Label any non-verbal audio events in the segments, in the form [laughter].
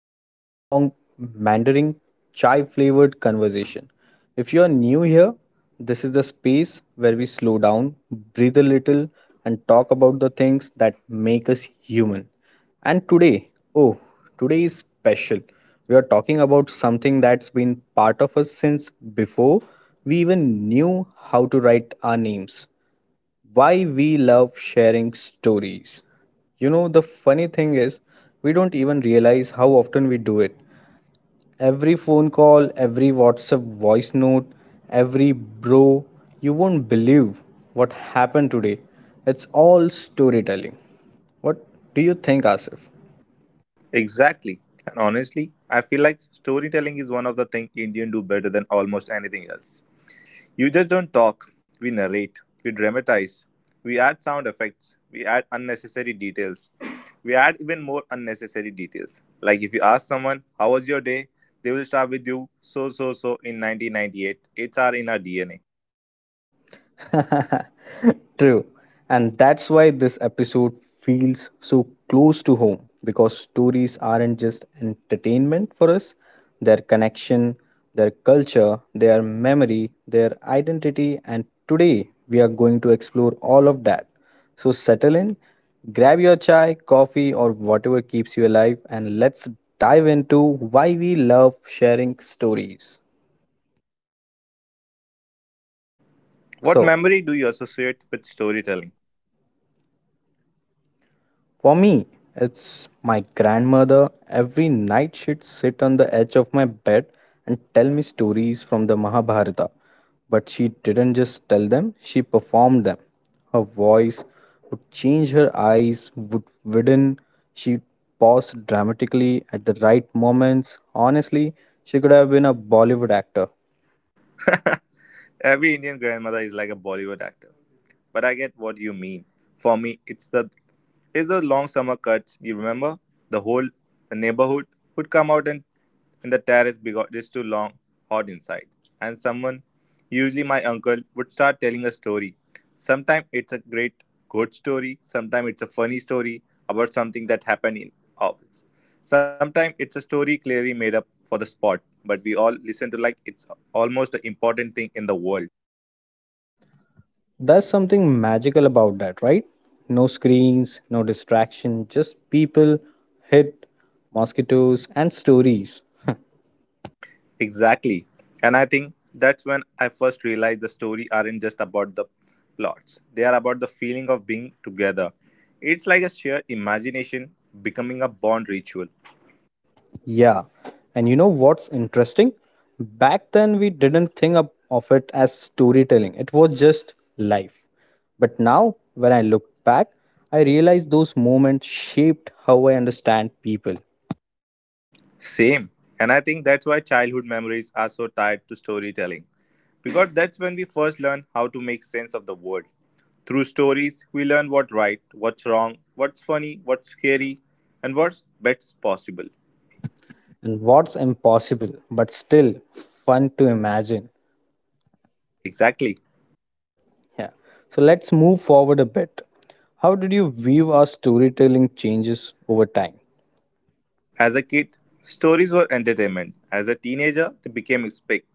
to another long Mandarin chai flavored conversation. If you are new here, this is the space where we slow down, breathe a little, and talk about the things that make us human. And today, oh, today is special. We are talking about something that's been part of us since before we even knew how to write our names, why we love sharing stories. You know, the funny thing is, we don't even realize how often we do it. Every phone call, every WhatsApp voice note, every bro, you won't believe what happened today. It's all storytelling. What do you think, Asif? Exactly. And honestly, I feel like storytelling is one of the things Indian do better than almost anything else. You just don't talk, we narrate, we dramatize, we add sound effects, we add unnecessary details. We add even more unnecessary details. Like if you ask someone, how was your day? They will start with you, so, in 1998. It's our in our DNA. [laughs] True. And that's why this episode feels so close to home because stories aren't just entertainment for us, their connection, their culture, their memory, their identity, and today we are going to explore all of that. So settle in, grab your chai, coffee, or whatever keeps you alive, and let's dive into why we love sharing stories. What So, memory do you associate with storytelling? for me, it's my grandmother. Every night she'd sit on the edge of my bed and tell me stories from the Mahabharata. But she didn't just tell them, she performed them. Her voice would change, her eyes would widen, she paused dramatically at the right moments. Honestly, she could have been a Bollywood actor. Every Indian grandmother is like a Bollywood actor. But I get what you mean. For me, it's the long summer cuts. You remember the whole neighborhood would come out and in the terrace because it's too long, hot inside. And someone, usually my uncle, would start telling a story. Sometimes it's a great good story. Sometimes it's a funny story about something that happened in office. Sometimes it's a story clearly made up for the spot, but we all listen to like it's almost the important thing in the world. There's something magical about that, right? No screens, no distraction, just people, hit, mosquitoes, and stories. Exactly. And I think that's when I first realized the story aren't just about the plots. They are about the feeling of being together. It's like a shared imagination becoming a bond ritual. Yeah, and you know what's interesting? Back then, we didn't think of it as storytelling, it was just life. But now, when I look back, I realize those moments shaped how I understand people Same. And I think that's why childhood memories are so tied to storytelling. Because that's when we first learn how to make sense of the world. Through stories, we learn what's right, what's wrong, what's funny, what's scary, and what's best possible. and what's impossible but still fun to imagine. Exactly. Yeah. So let's move forward a bit. How did you view our storytelling changes over time? As a kid, stories were entertainment. As a teenager, they became respect.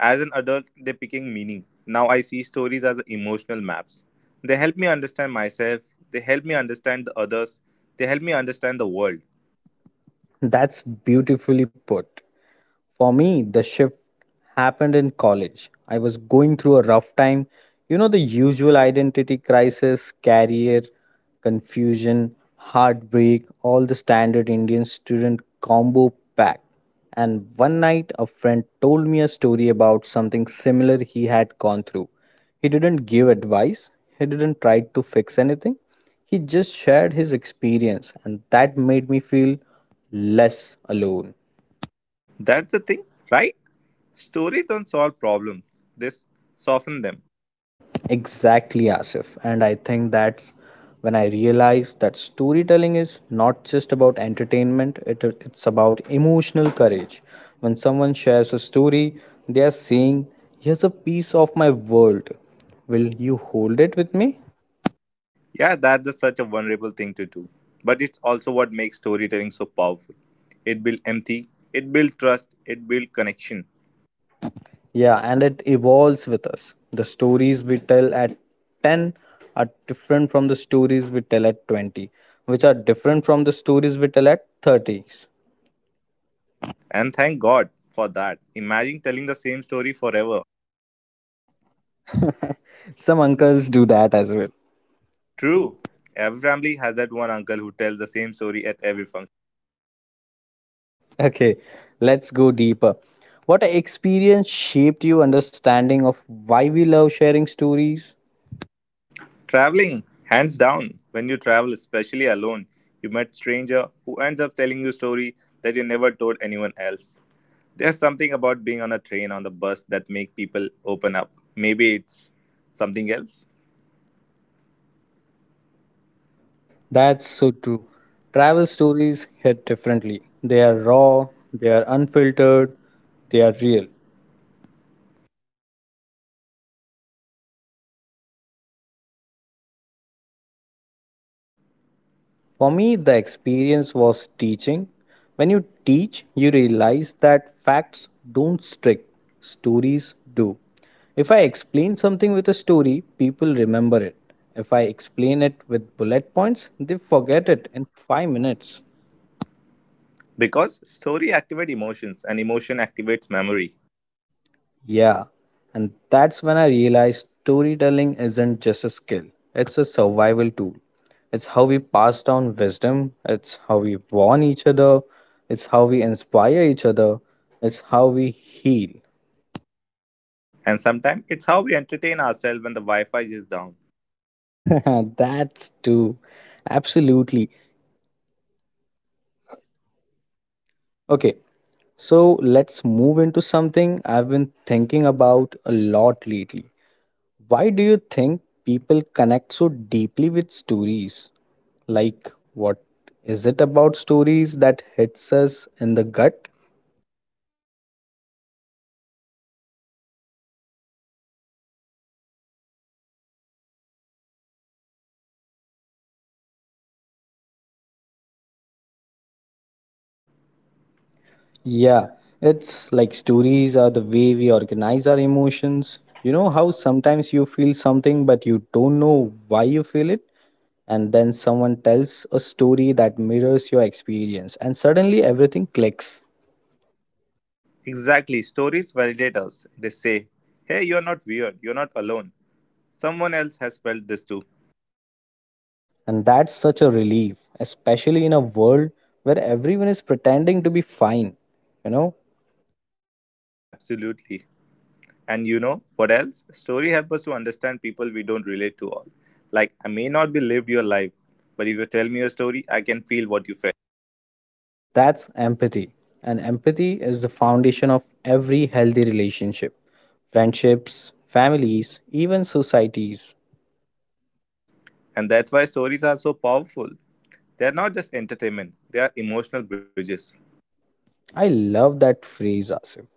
As an adult, they became meaning. Now I see stories as emotional maps. They help me understand myself, they help me understand the others, they help me understand the world. That's beautifully put. For me, the shift happened in college. I was going through a rough time. You know, the usual identity crisis, career confusion, heartbreak, all the standard Indian student combo pack. And one night, a friend told me a story about something similar he had gone through. He didn't give advice, he didn't try to fix anything. He just shared his experience, and that made me feel less alone. That's the thing, right? Stories don't solve problems, they soften them. Exactly, Asif. And I think that's when I realized that storytelling is not just about entertainment, it's about emotional courage. When someone shares a story, they are saying, here's a piece of my world. Will you hold it with me? Yeah, that's just such a vulnerable thing to do. But it's also what makes storytelling so powerful. It builds empathy, it builds trust, it builds connection. Yeah, and it evolves with us. The stories we tell at 10 are different from the stories we tell at 20, which are different from the stories we tell at 30s. And thank God for that. Imagine telling the same story forever. Some uncles do that as well. True, every family has that one uncle who tells the same story at every function. Okay, let's go deeper. What experience shaped your understanding of why we love sharing stories? Traveling, hands down. When you travel, especially alone, you meet stranger who ends up telling you story that you never told anyone else. There's something about being on a train, on the bus that make people open up. Maybe it's something else. [laughs] That's so true. Travel stories hit differently. They are raw, they are unfiltered, they are real. For me, the experience was teaching. When you teach, you realize that facts don't stick, stories do. If I explain something with a story, people remember it. If I explain it with bullet points, they forget it in 5 minutes. Because story activate emotions and emotion activates memory. Yeah, and that's when I realized storytelling isn't just a skill, it's a survival tool. It's how we pass down wisdom, it's how we warn each other, it's how we inspire each other, it's how we heal. And sometimes it's how we entertain ourselves when the Wi-Fi is down. [laughs] That's too. Absolutely. Okay, so let's move into something I've been thinking about a lot lately. Why do you think people connect so deeply with stories? Like, what is it about stories that hits us in the gut? Yeah, it's like stories are the way we organize our emotions. You know how sometimes you feel something but you don't know why you feel it? And then someone tells a story that mirrors your experience, and suddenly everything clicks. Exactly. Stories validate us. They say, hey, you're not weird. You're not alone. Someone else has felt this too. And that's such a relief, especially in a world where everyone is pretending to be fine. You know, Yeah, absolutely. And you know what else? Story help us to understand people we don't relate to all. Like, I may not be lived your life, but if you tell me your story, I can feel what you felt. that's empathy. And empathy is the foundation of every healthy relationship, friendships, families, even societies. And that's why stories are so powerful. They're not just entertainment, they are emotional bridges. I love that phrase, Asif.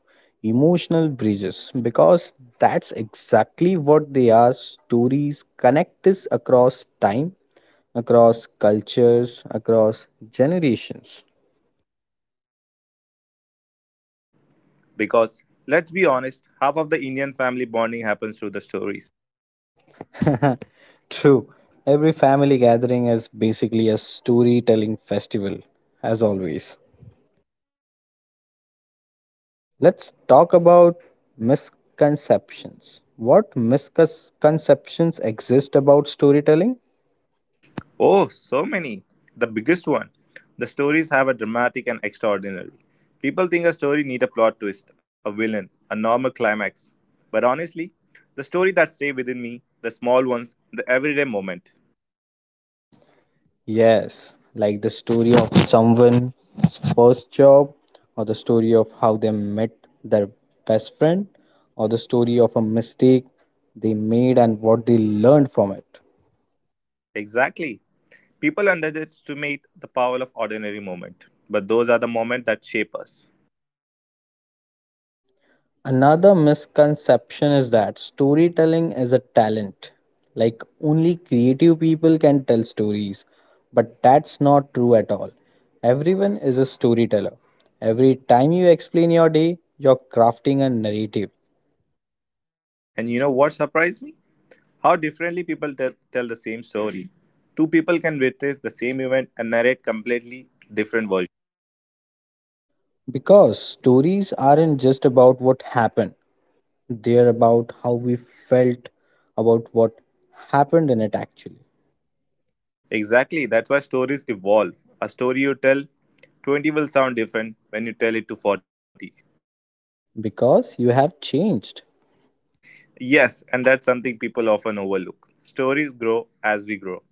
Emotional bridges, because that's exactly what they are. Stories connect us across time, across cultures, across generations. Because, let's be honest, half of the Indian family bonding happens through the stories. [laughs] True. Every family gathering is basically a storytelling festival, as always. Let's talk about misconceptions. What misconceptions exist about storytelling? Oh, so many. The biggest one. The stories have a dramatic and extraordinary. People think a story need a plot twist, a villain, a normal climax. But honestly, the story that stay within me, the small ones, the everyday moment. Yes, like the story of someone's first job, or the story of how they met their best friend, or the story of a mistake they made and what they learned from it. Exactly. People underestimate the power of ordinary moment, but those are the moments that shape us. Another misconception is that storytelling is a talent, like only creative people can tell stories, but that's not true at all. Everyone is a storyteller. Every time you explain your day, you're crafting a narrative. And you know what surprised me? How differently people tell the same story. Two people can witness the same event and narrate completely different versions. Because stories aren't just about what happened, they're about how we felt about what happened in it actually. Exactly, that's why stories evolve. A story you tell 20 will sound different when you tell it to 40. Because you have changed. Yes, and that's something people often overlook. Stories grow as we grow.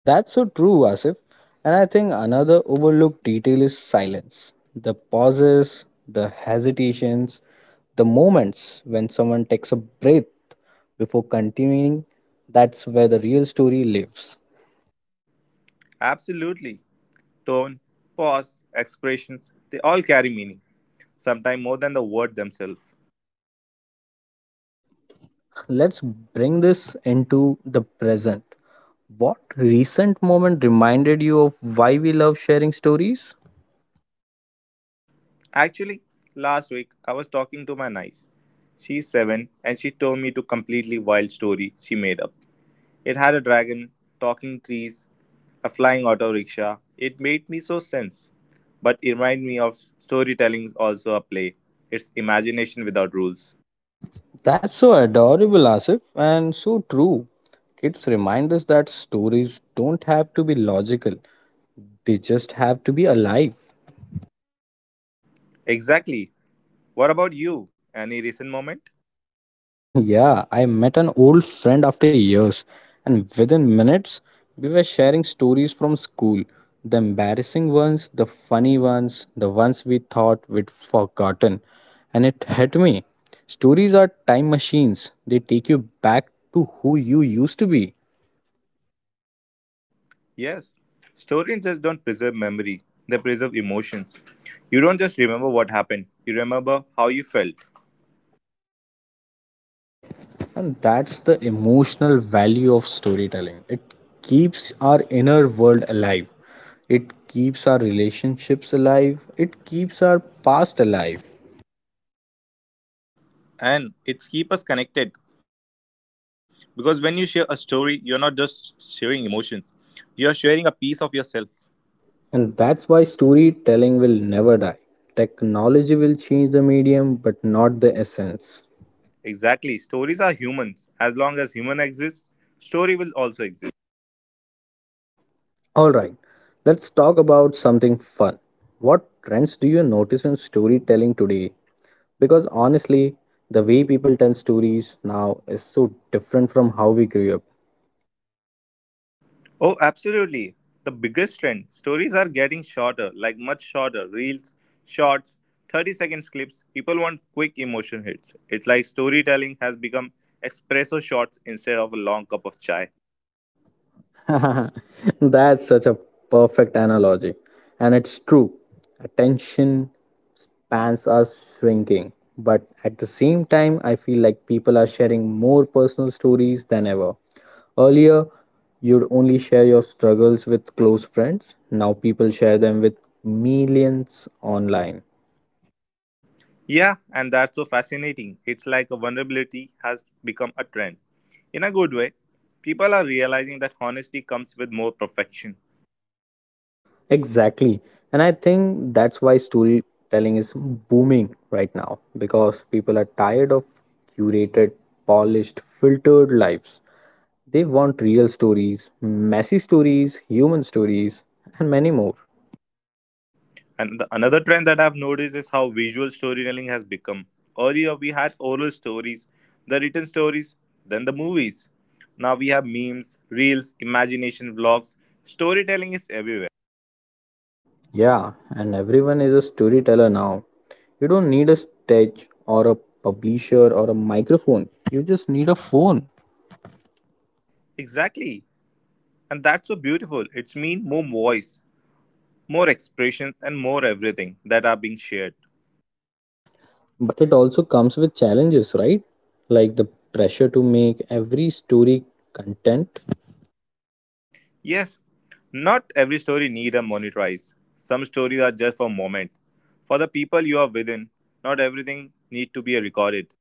That's so true, Asif. And I think another overlooked detail is silence. The pauses, the hesitations, the moments when someone takes a breath before continuing, that's where the real story lives. Absolutely. Tone, pause, expressions, they all carry meaning, sometimes more than the word themselves. [laughs] Let's bring this into the present. What recent moment reminded you of why we love sharing stories? Actually, last week I was talking to my niece. She's 7 and she told me to completely wild story she made up. It had a dragon, talking trees, a flying auto rickshaw. It made me so sense. But it reminded me of storytelling's also a play. It's imagination without rules. That's so adorable, Asif, and so true. Kids remind us that stories don't have to be logical. They just have to be alive. Exactly. What about you? Any recent moment? [laughs] Yeah, I met an old friend after years, and within minutes, we were sharing stories from school, the embarrassing ones, the funny ones, the ones we thought we'd forgotten. And it hit me. Stories are time machines, they take you back to who you used to be. Yes. Stories just don't preserve memory, they preserve emotions. You don't just remember what happened, you remember how you felt. And that's the emotional value of storytelling. It keeps our inner world alive. It keeps our relationships alive. It keeps our past alive. And it's keep us connected. Because when you share a story, you're not just sharing emotions, you're sharing a piece of yourself. And that's why storytelling will never die. Technology will change the medium, but not the essence. Exactly. Stories are humans. As long as human exists, story will also exist. Alright, let's talk about something fun. What trends do you notice in storytelling today? Because honestly, the way people tell stories now is so different from how we grew up. Oh, absolutely. The biggest trend stories are getting shorter, like much shorter. Reels, shorts, 30-second clips. People want quick emotion hits. It's like storytelling has become espresso shots instead of a long cup of chai. [laughs] That's such a perfect analogy. And it's true. Attention spans are shrinking. But at the same time, I feel like people are sharing more personal stories than ever. Earlier, you'd only share your struggles with close friends. Now people share them with millions online. Yeah, and that's so fascinating. It's like a vulnerability has become a trend. In a good way, people are realizing that honesty comes with more perfection. Exactly. And I think that's why storytelling is booming right now because people are tired of curated, polished, filtered lives. They want real stories, messy stories, human stories, and many more. And another trend that I've noticed is how visual storytelling has become. Earlier, we had oral stories, the written stories, then the movies. Now we have memes, reels, imagination vlogs. Storytelling is everywhere. Yeah, and everyone is a storyteller now. You don't need a stage or a publisher or a microphone. You just need a phone. Exactly. And that's so beautiful. It's mean more voice, more expression, and more everything that are being shared. But it also comes with challenges, right? Like the pressure to make every story content. Yes, not every story need a monetize. Some stories are just for moment. For the people you are within, not everything need to be recorded.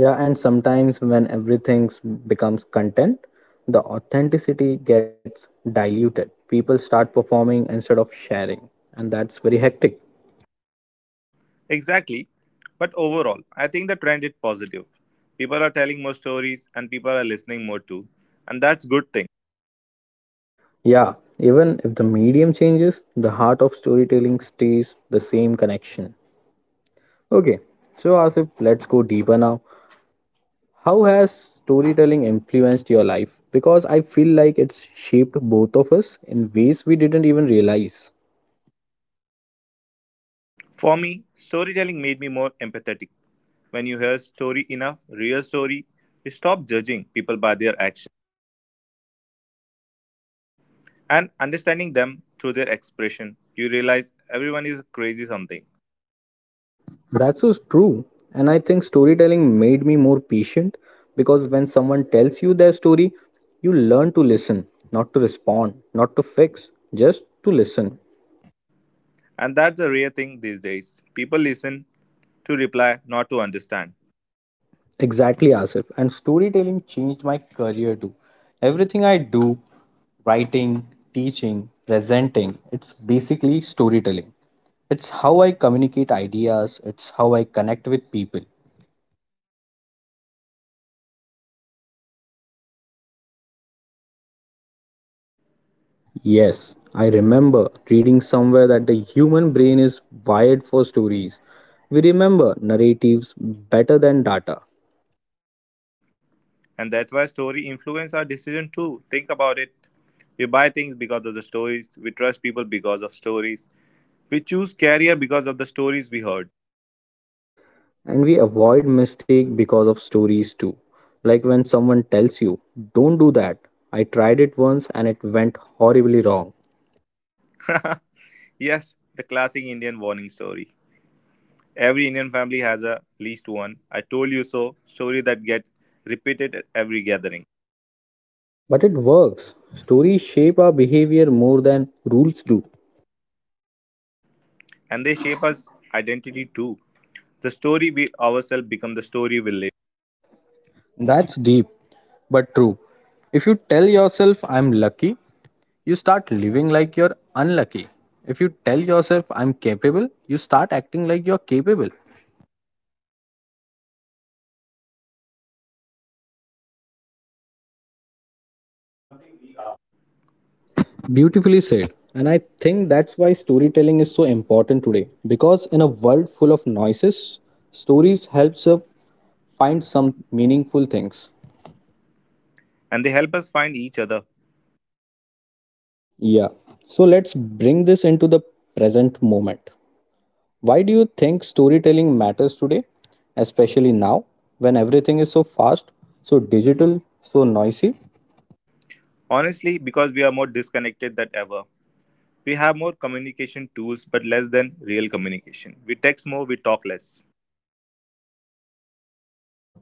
Yeah, and sometimes when everything becomes content, the authenticity gets diluted. People start performing instead of sharing, and that's very hectic. Exactly. But overall, I think the trend is positive. People are telling more stories and people are listening more too. And that's good thing. Yeah, even if the medium changes, the heart of storytelling stays the same connection. Okay, so Asif, let's go deeper now. How has storytelling influenced your life? Because I feel like it's shaped both of us in ways we didn't even realize. For me, storytelling made me more empathetic. When you hear story enough, real story, you stop judging people by their actions and understanding them through their expression. You realize everyone is crazy something. That's so true. And I think storytelling made me more patient because when someone tells you their story, you learn to listen, not to respond, not to fix, just to listen. And that's a rare thing these days. People listen to reply, not to understand. Exactly, Asif. And storytelling changed my career too. Everything I do, writing, teaching, presenting, it's basically storytelling. It's how I communicate ideas, it's how I connect with people. Yes, I remember reading somewhere that the human brain is wired for stories. We remember narratives better than data, And that's why story influence our decision too. Think about it. We buy things because of the stories. We trust people because of stories. We choose career because of the stories we heard. and we avoid mistake because of stories too. Like when someone tells you, "Don't do that. I tried it once and it went horribly wrong." [laughs] Yes, the classic Indian warning story. Every Indian family has a least one. I told you so. Story that get repeated at every gathering, But it works. Stories shape our behavior more than rules do. and they shape us identity too. The story we ourselves become the story we live, That's deep, but true. If you tell yourself I'm lucky, you start living like you're unlucky. If you tell yourself, I'm capable, you start acting like you're capable. Beautifully said. And I think that's why storytelling is so important today. Because in a world full of noises, stories helps us find some meaningful things. and they help us find each other. Yeah. So let's bring this into the present moment. Why do you think storytelling matters today, especially now when everything is so fast, so digital, so noisy? Honestly, because we are more disconnected than ever. We have more communication tools, but less than real communication. We text more, we talk less.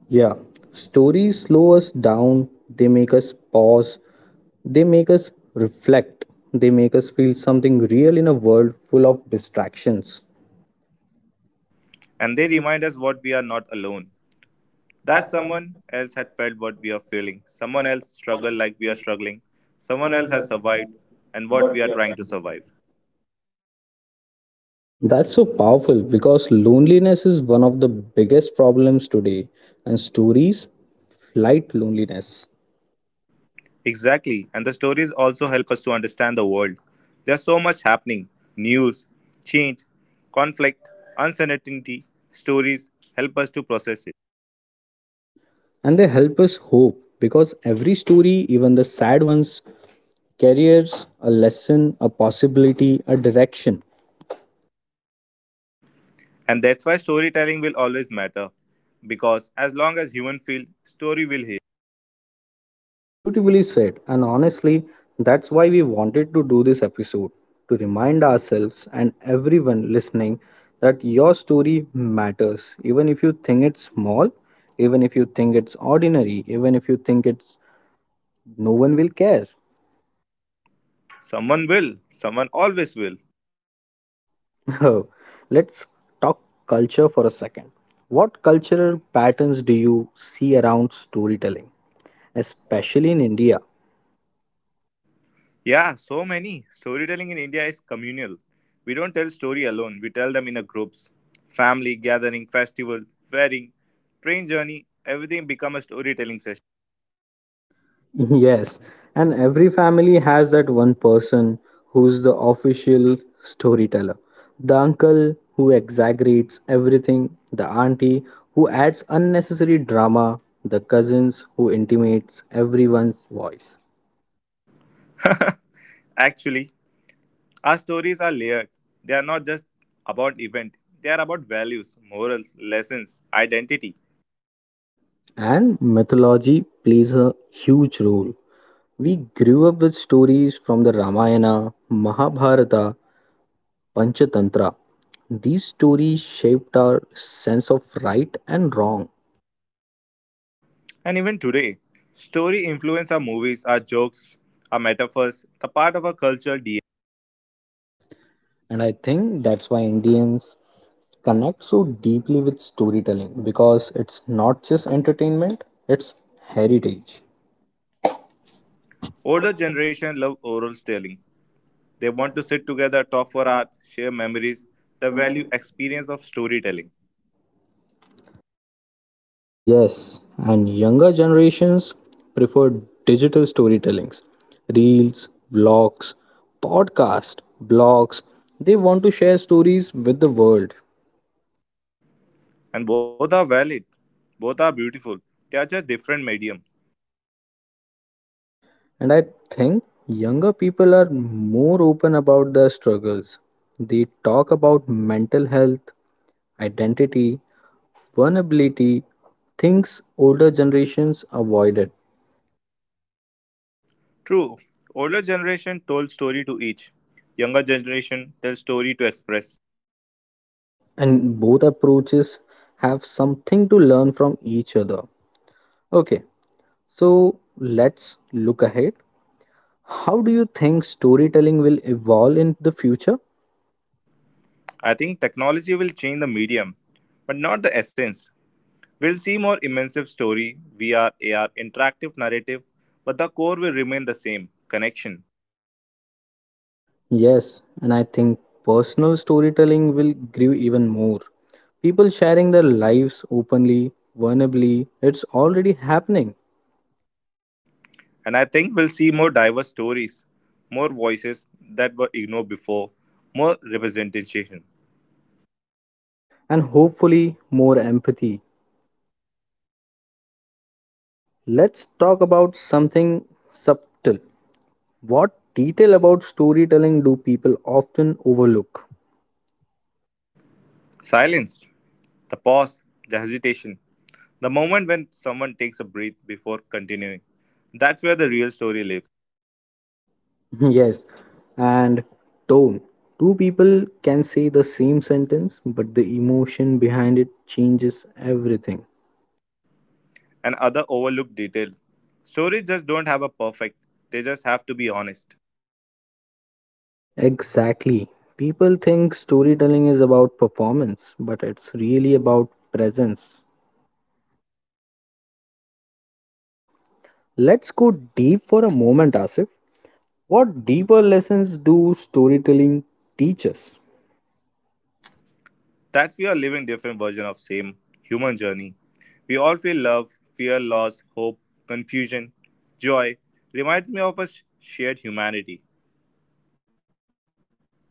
Yeah, stories slow us down, they make us pause, they make us reflect, they make us feel something real in a world full of distractions. And they remind us what we are not alone. That someone else had felt what we are feeling. Someone else struggled like we are struggling. Someone else has survived and what we are trying to survive. That's so powerful because loneliness is one of the biggest problems today, and stories fight loneliness. Exactly. And the stories also help us to understand the world. There's so much happening news, change, conflict, uncertainty. Stories help us to process. And they help us hope because every story, even the sad ones, carries a lesson, a possibility, a direction. And that's why storytelling will always matter. Because as long as human feel, story will heal. Beautifully said, and honestly, that's why we wanted to do this episode to remind ourselves and everyone listening that your story matters, even if you think it's small, even if you think it's ordinary, even if you think it's no one will care. Someone will. Someone always will. [laughs] Let's talk culture for a second. What cultural patterns do you see around storytelling, especially in India? Yeah, so many. Storytelling in India is communal. We don't tell story alone. We tell them in a groups. Family, gathering, festival, wedding, train journey, everything become a storytelling session. [laughs] Yes, and every family has that one person who's the official storyteller. The uncle who exaggerates everything, the auntie who adds unnecessary drama, the cousins who intimates everyone's voice. Actually, our stories are layered. They are not just about event. They are about values, morals, lessons, identity. And mythology plays a huge role. We grew up with stories from the Ramayana, Mahabharata, Panchatantra. These stories shaped our sense of right and wrong. And even today, story influence our movies, our jokes, our metaphors, the part of our cultural DNA. And I think that's why Indians connect so deeply with storytelling, because it's not just entertainment, it's heritage. Older generation love oral storytelling. They want to sit together, talk for hours, share memories, the value experience of storytelling. Yes, and younger generations prefer digital storytellings, reels, vlogs, podcasts, blogs. They want to share stories with the world. And both are valid. Both are beautiful. They are just different medium. And I think younger people are more open about their struggles. They talk about mental health, identity, vulnerability, things older generations avoided. True, older generation told story to each. Younger generation tells story to express. And both approaches have something to learn from each other. Okay, so let's look ahead. How do you think storytelling will evolve in the future? I think technology will change the medium, but not the essence. We will see more immersive story, VR, AR, interactive narrative, but the core will remain the same connection. Yes, and I think personal storytelling will grow even more. People sharing their lives openly, vulnerably, it's already happening, And I think we'll see more diverse stories, more voices that were ignored before, more representation. and hopefully more empathy. Let's talk about something subtle. What detail about storytelling do people often overlook? Silence, the pause, the hesitation, the moment when someone takes a breath before continuing. That's where the real story lives, [laughs] Yes, and tone. Two people can say the same sentence, but the emotion behind it changes everything. and other overlooked detail. Stories just don't have a perfect, they just have to be honest. Exactly. People think storytelling is about performance, but it's really about presence. So, let's go deep for a moment, Asif. What deeper lessons do storytelling teach us? That we are living different version of same human journey. We all feel love, fear, loss, hope, confusion, joy. Reminds me of a shared humanity,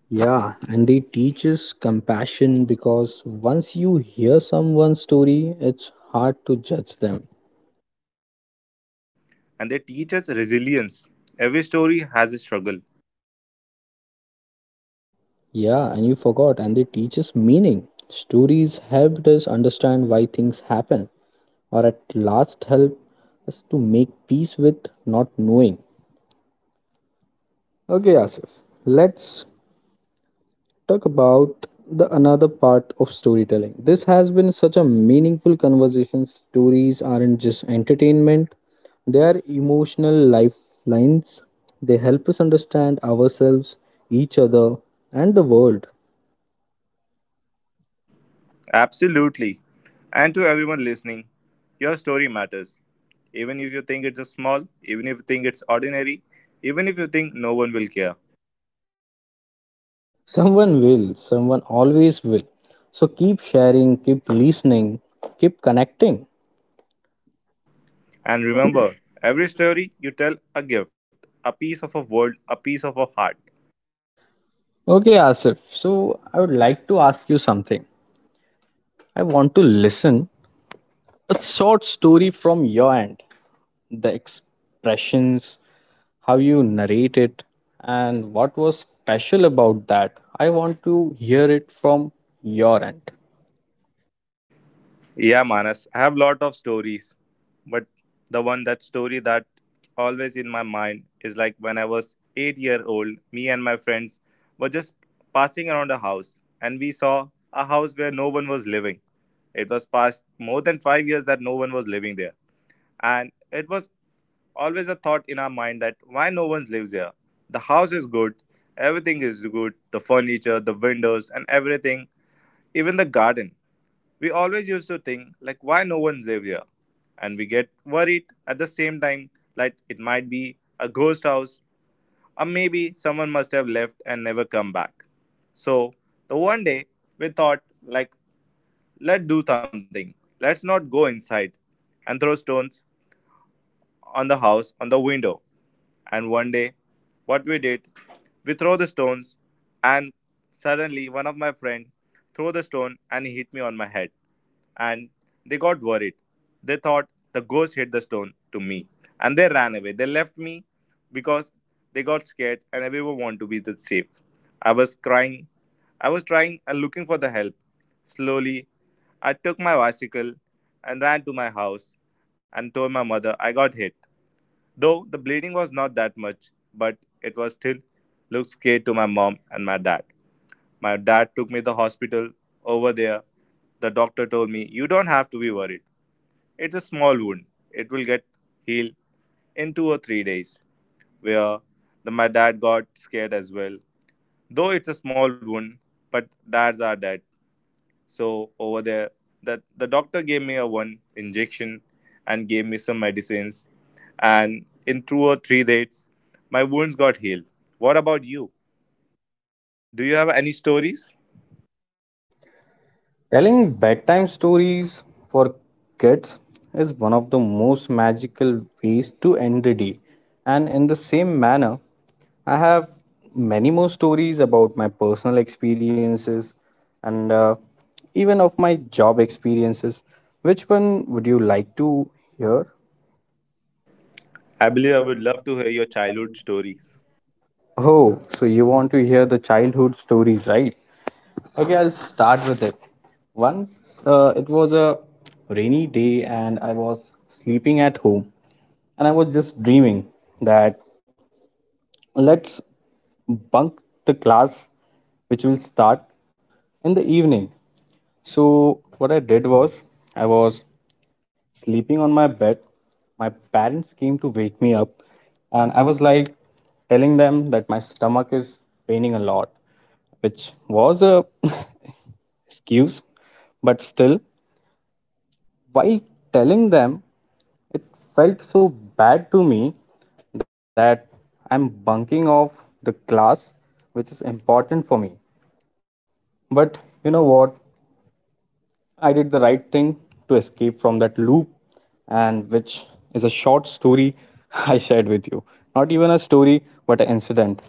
Yeah, and they teach us compassion, because once you hear someone's story, it's hard to judge them. and they teach us resilience. Every story has a struggle. Yeah, and you forgot, and they teach us meaning. Stories helped us understand why things happen, or at last help us to make peace with not knowing. Okay, Asif, let's talk about the another part of storytelling. This has been such a meaningful conversation. Stories aren't just entertainment, they are emotional lifelines. They help us understand ourselves, each other, and the world. Absolutely. And to everyone listening, your story matters. Even if you think it's a small, even if you think it's ordinary, even if you think no one will care. Someone will, someone always will. So keep sharing, keep listening, keep connecting. And remember, every story you tell a gift, a piece of a world, a piece of a heart. Okay, Asif. So I would like to ask you something. I want to listen a short story from your end, the expressions, how you narrate it, and what was special about that. I want to hear it from your end. Yeah, Manas, I have lot of stories, but the one that story that always in my mind is like when I was 8-year-old, me and my friends were just passing around a house and we saw a house where no one was living. It was past more than 5 years that no one was living there. And it was always a thought in our mind that why no one lives here? The house is good, everything is good, the furniture, the windows and everything, even the garden we always used to think, like, why no one's live here? And we get worried at the same time, like, it might be a ghost house, or maybe someone must have left and never come back. So, the one day, we thought, like, let's do something. Let's not go inside and throw stones on the house, on the window. And one day, what we did, we throw the stones, and suddenly one of my friend threw the stone and he hit me on my head. And they got worried. They thought the ghost hit the stone to me, and they ran away. They left me because they got scared, and everyone wanted to be the safe. I was crying. I was trying and looking for the help. Slowly, I took my bicycle and ran to my house and told my mother I got hit. Though the bleeding was not that much, but it was still looked scary to my mom and my dad. My dad took me to the hospital over there. The doctor told me, you don't have to be worried. It's a small wound. It will get healed in 2 or 3 days. Where my dad got scared as well. Though it's a small wound, but dads are dead. So over there, that the doctor gave me a one injection and gave me some medicines, and in 2 or 3 days, my wounds got healed. What about you? Do you have any stories? Telling bedtime stories for kids is one of the most magical ways to end the day. And in the same manner, I have many more stories about my personal experiences and even of my job experiences. Which one would you like to hear? I believe I would love to hear your childhood stories. Oh, so you want to hear the childhood stories, right? Okay, I'll start with it. Once it was a rainy day and I was sleeping at home and I was just dreaming that, let's bunk the class, which will start in the evening. So, what I did was, I was sleeping on my bed. My parents came to wake me up, and I was like telling them that my stomach is paining a lot, which was a [laughs] excuse, but still, while telling them, it felt so bad to me that I'm bunking off the class, which is important for me. But you know what? I did the right thing to escape from that loop, and which is a short story [laughs] I shared with you. Not even a story, but an incident.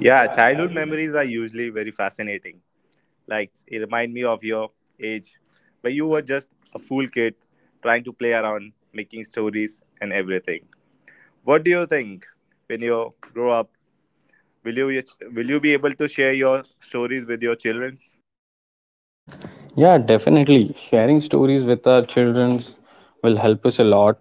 Yeah, childhood memories are usually very fascinating. Like it remind me of your age, where you were just a fool kid trying to play around, making stories and everything. What do you think when you grow up? Will you will you be able to share your stories with your childrens? Yeah, definitely. Sharing stories with our children will help us a lot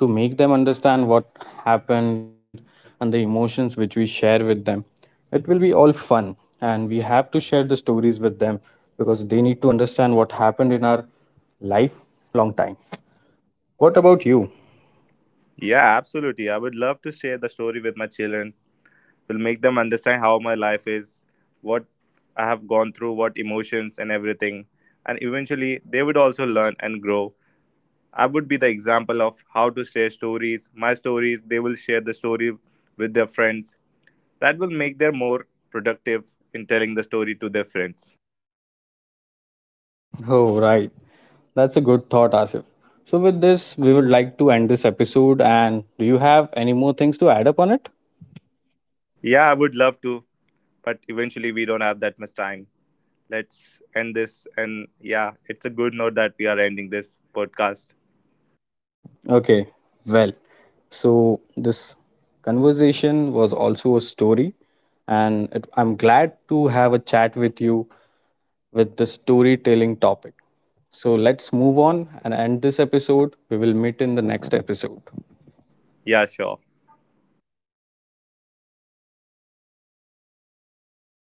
to make them understand what happened and the emotions which we share with them. It will be all fun, and we have to share the stories with them because they need to understand what happened in our life long time. What about you? Yeah, absolutely. I would love to share the story with my children. Will make them understand how my life is, what I have gone through, what emotions and everything. And eventually they would also learn and grow. I would be the example of how to share stories, my stories, they will share the story with their friends. That will make them more productive in telling the story to their friends. Oh, right. That's a good thought, Asif. So, with this, we would like to end this episode. And do you have any more things to add up on it? Yeah, I would love to, but eventually we don't have that much time. Let's end this. And yeah, it's a good note that we are ending this podcast. Okay, well, so this conversation was also a story, and it, I'm glad to have a chat with you with the storytelling topic. So let's move on and end this episode. We will meet in the next episode. Yeah, sure.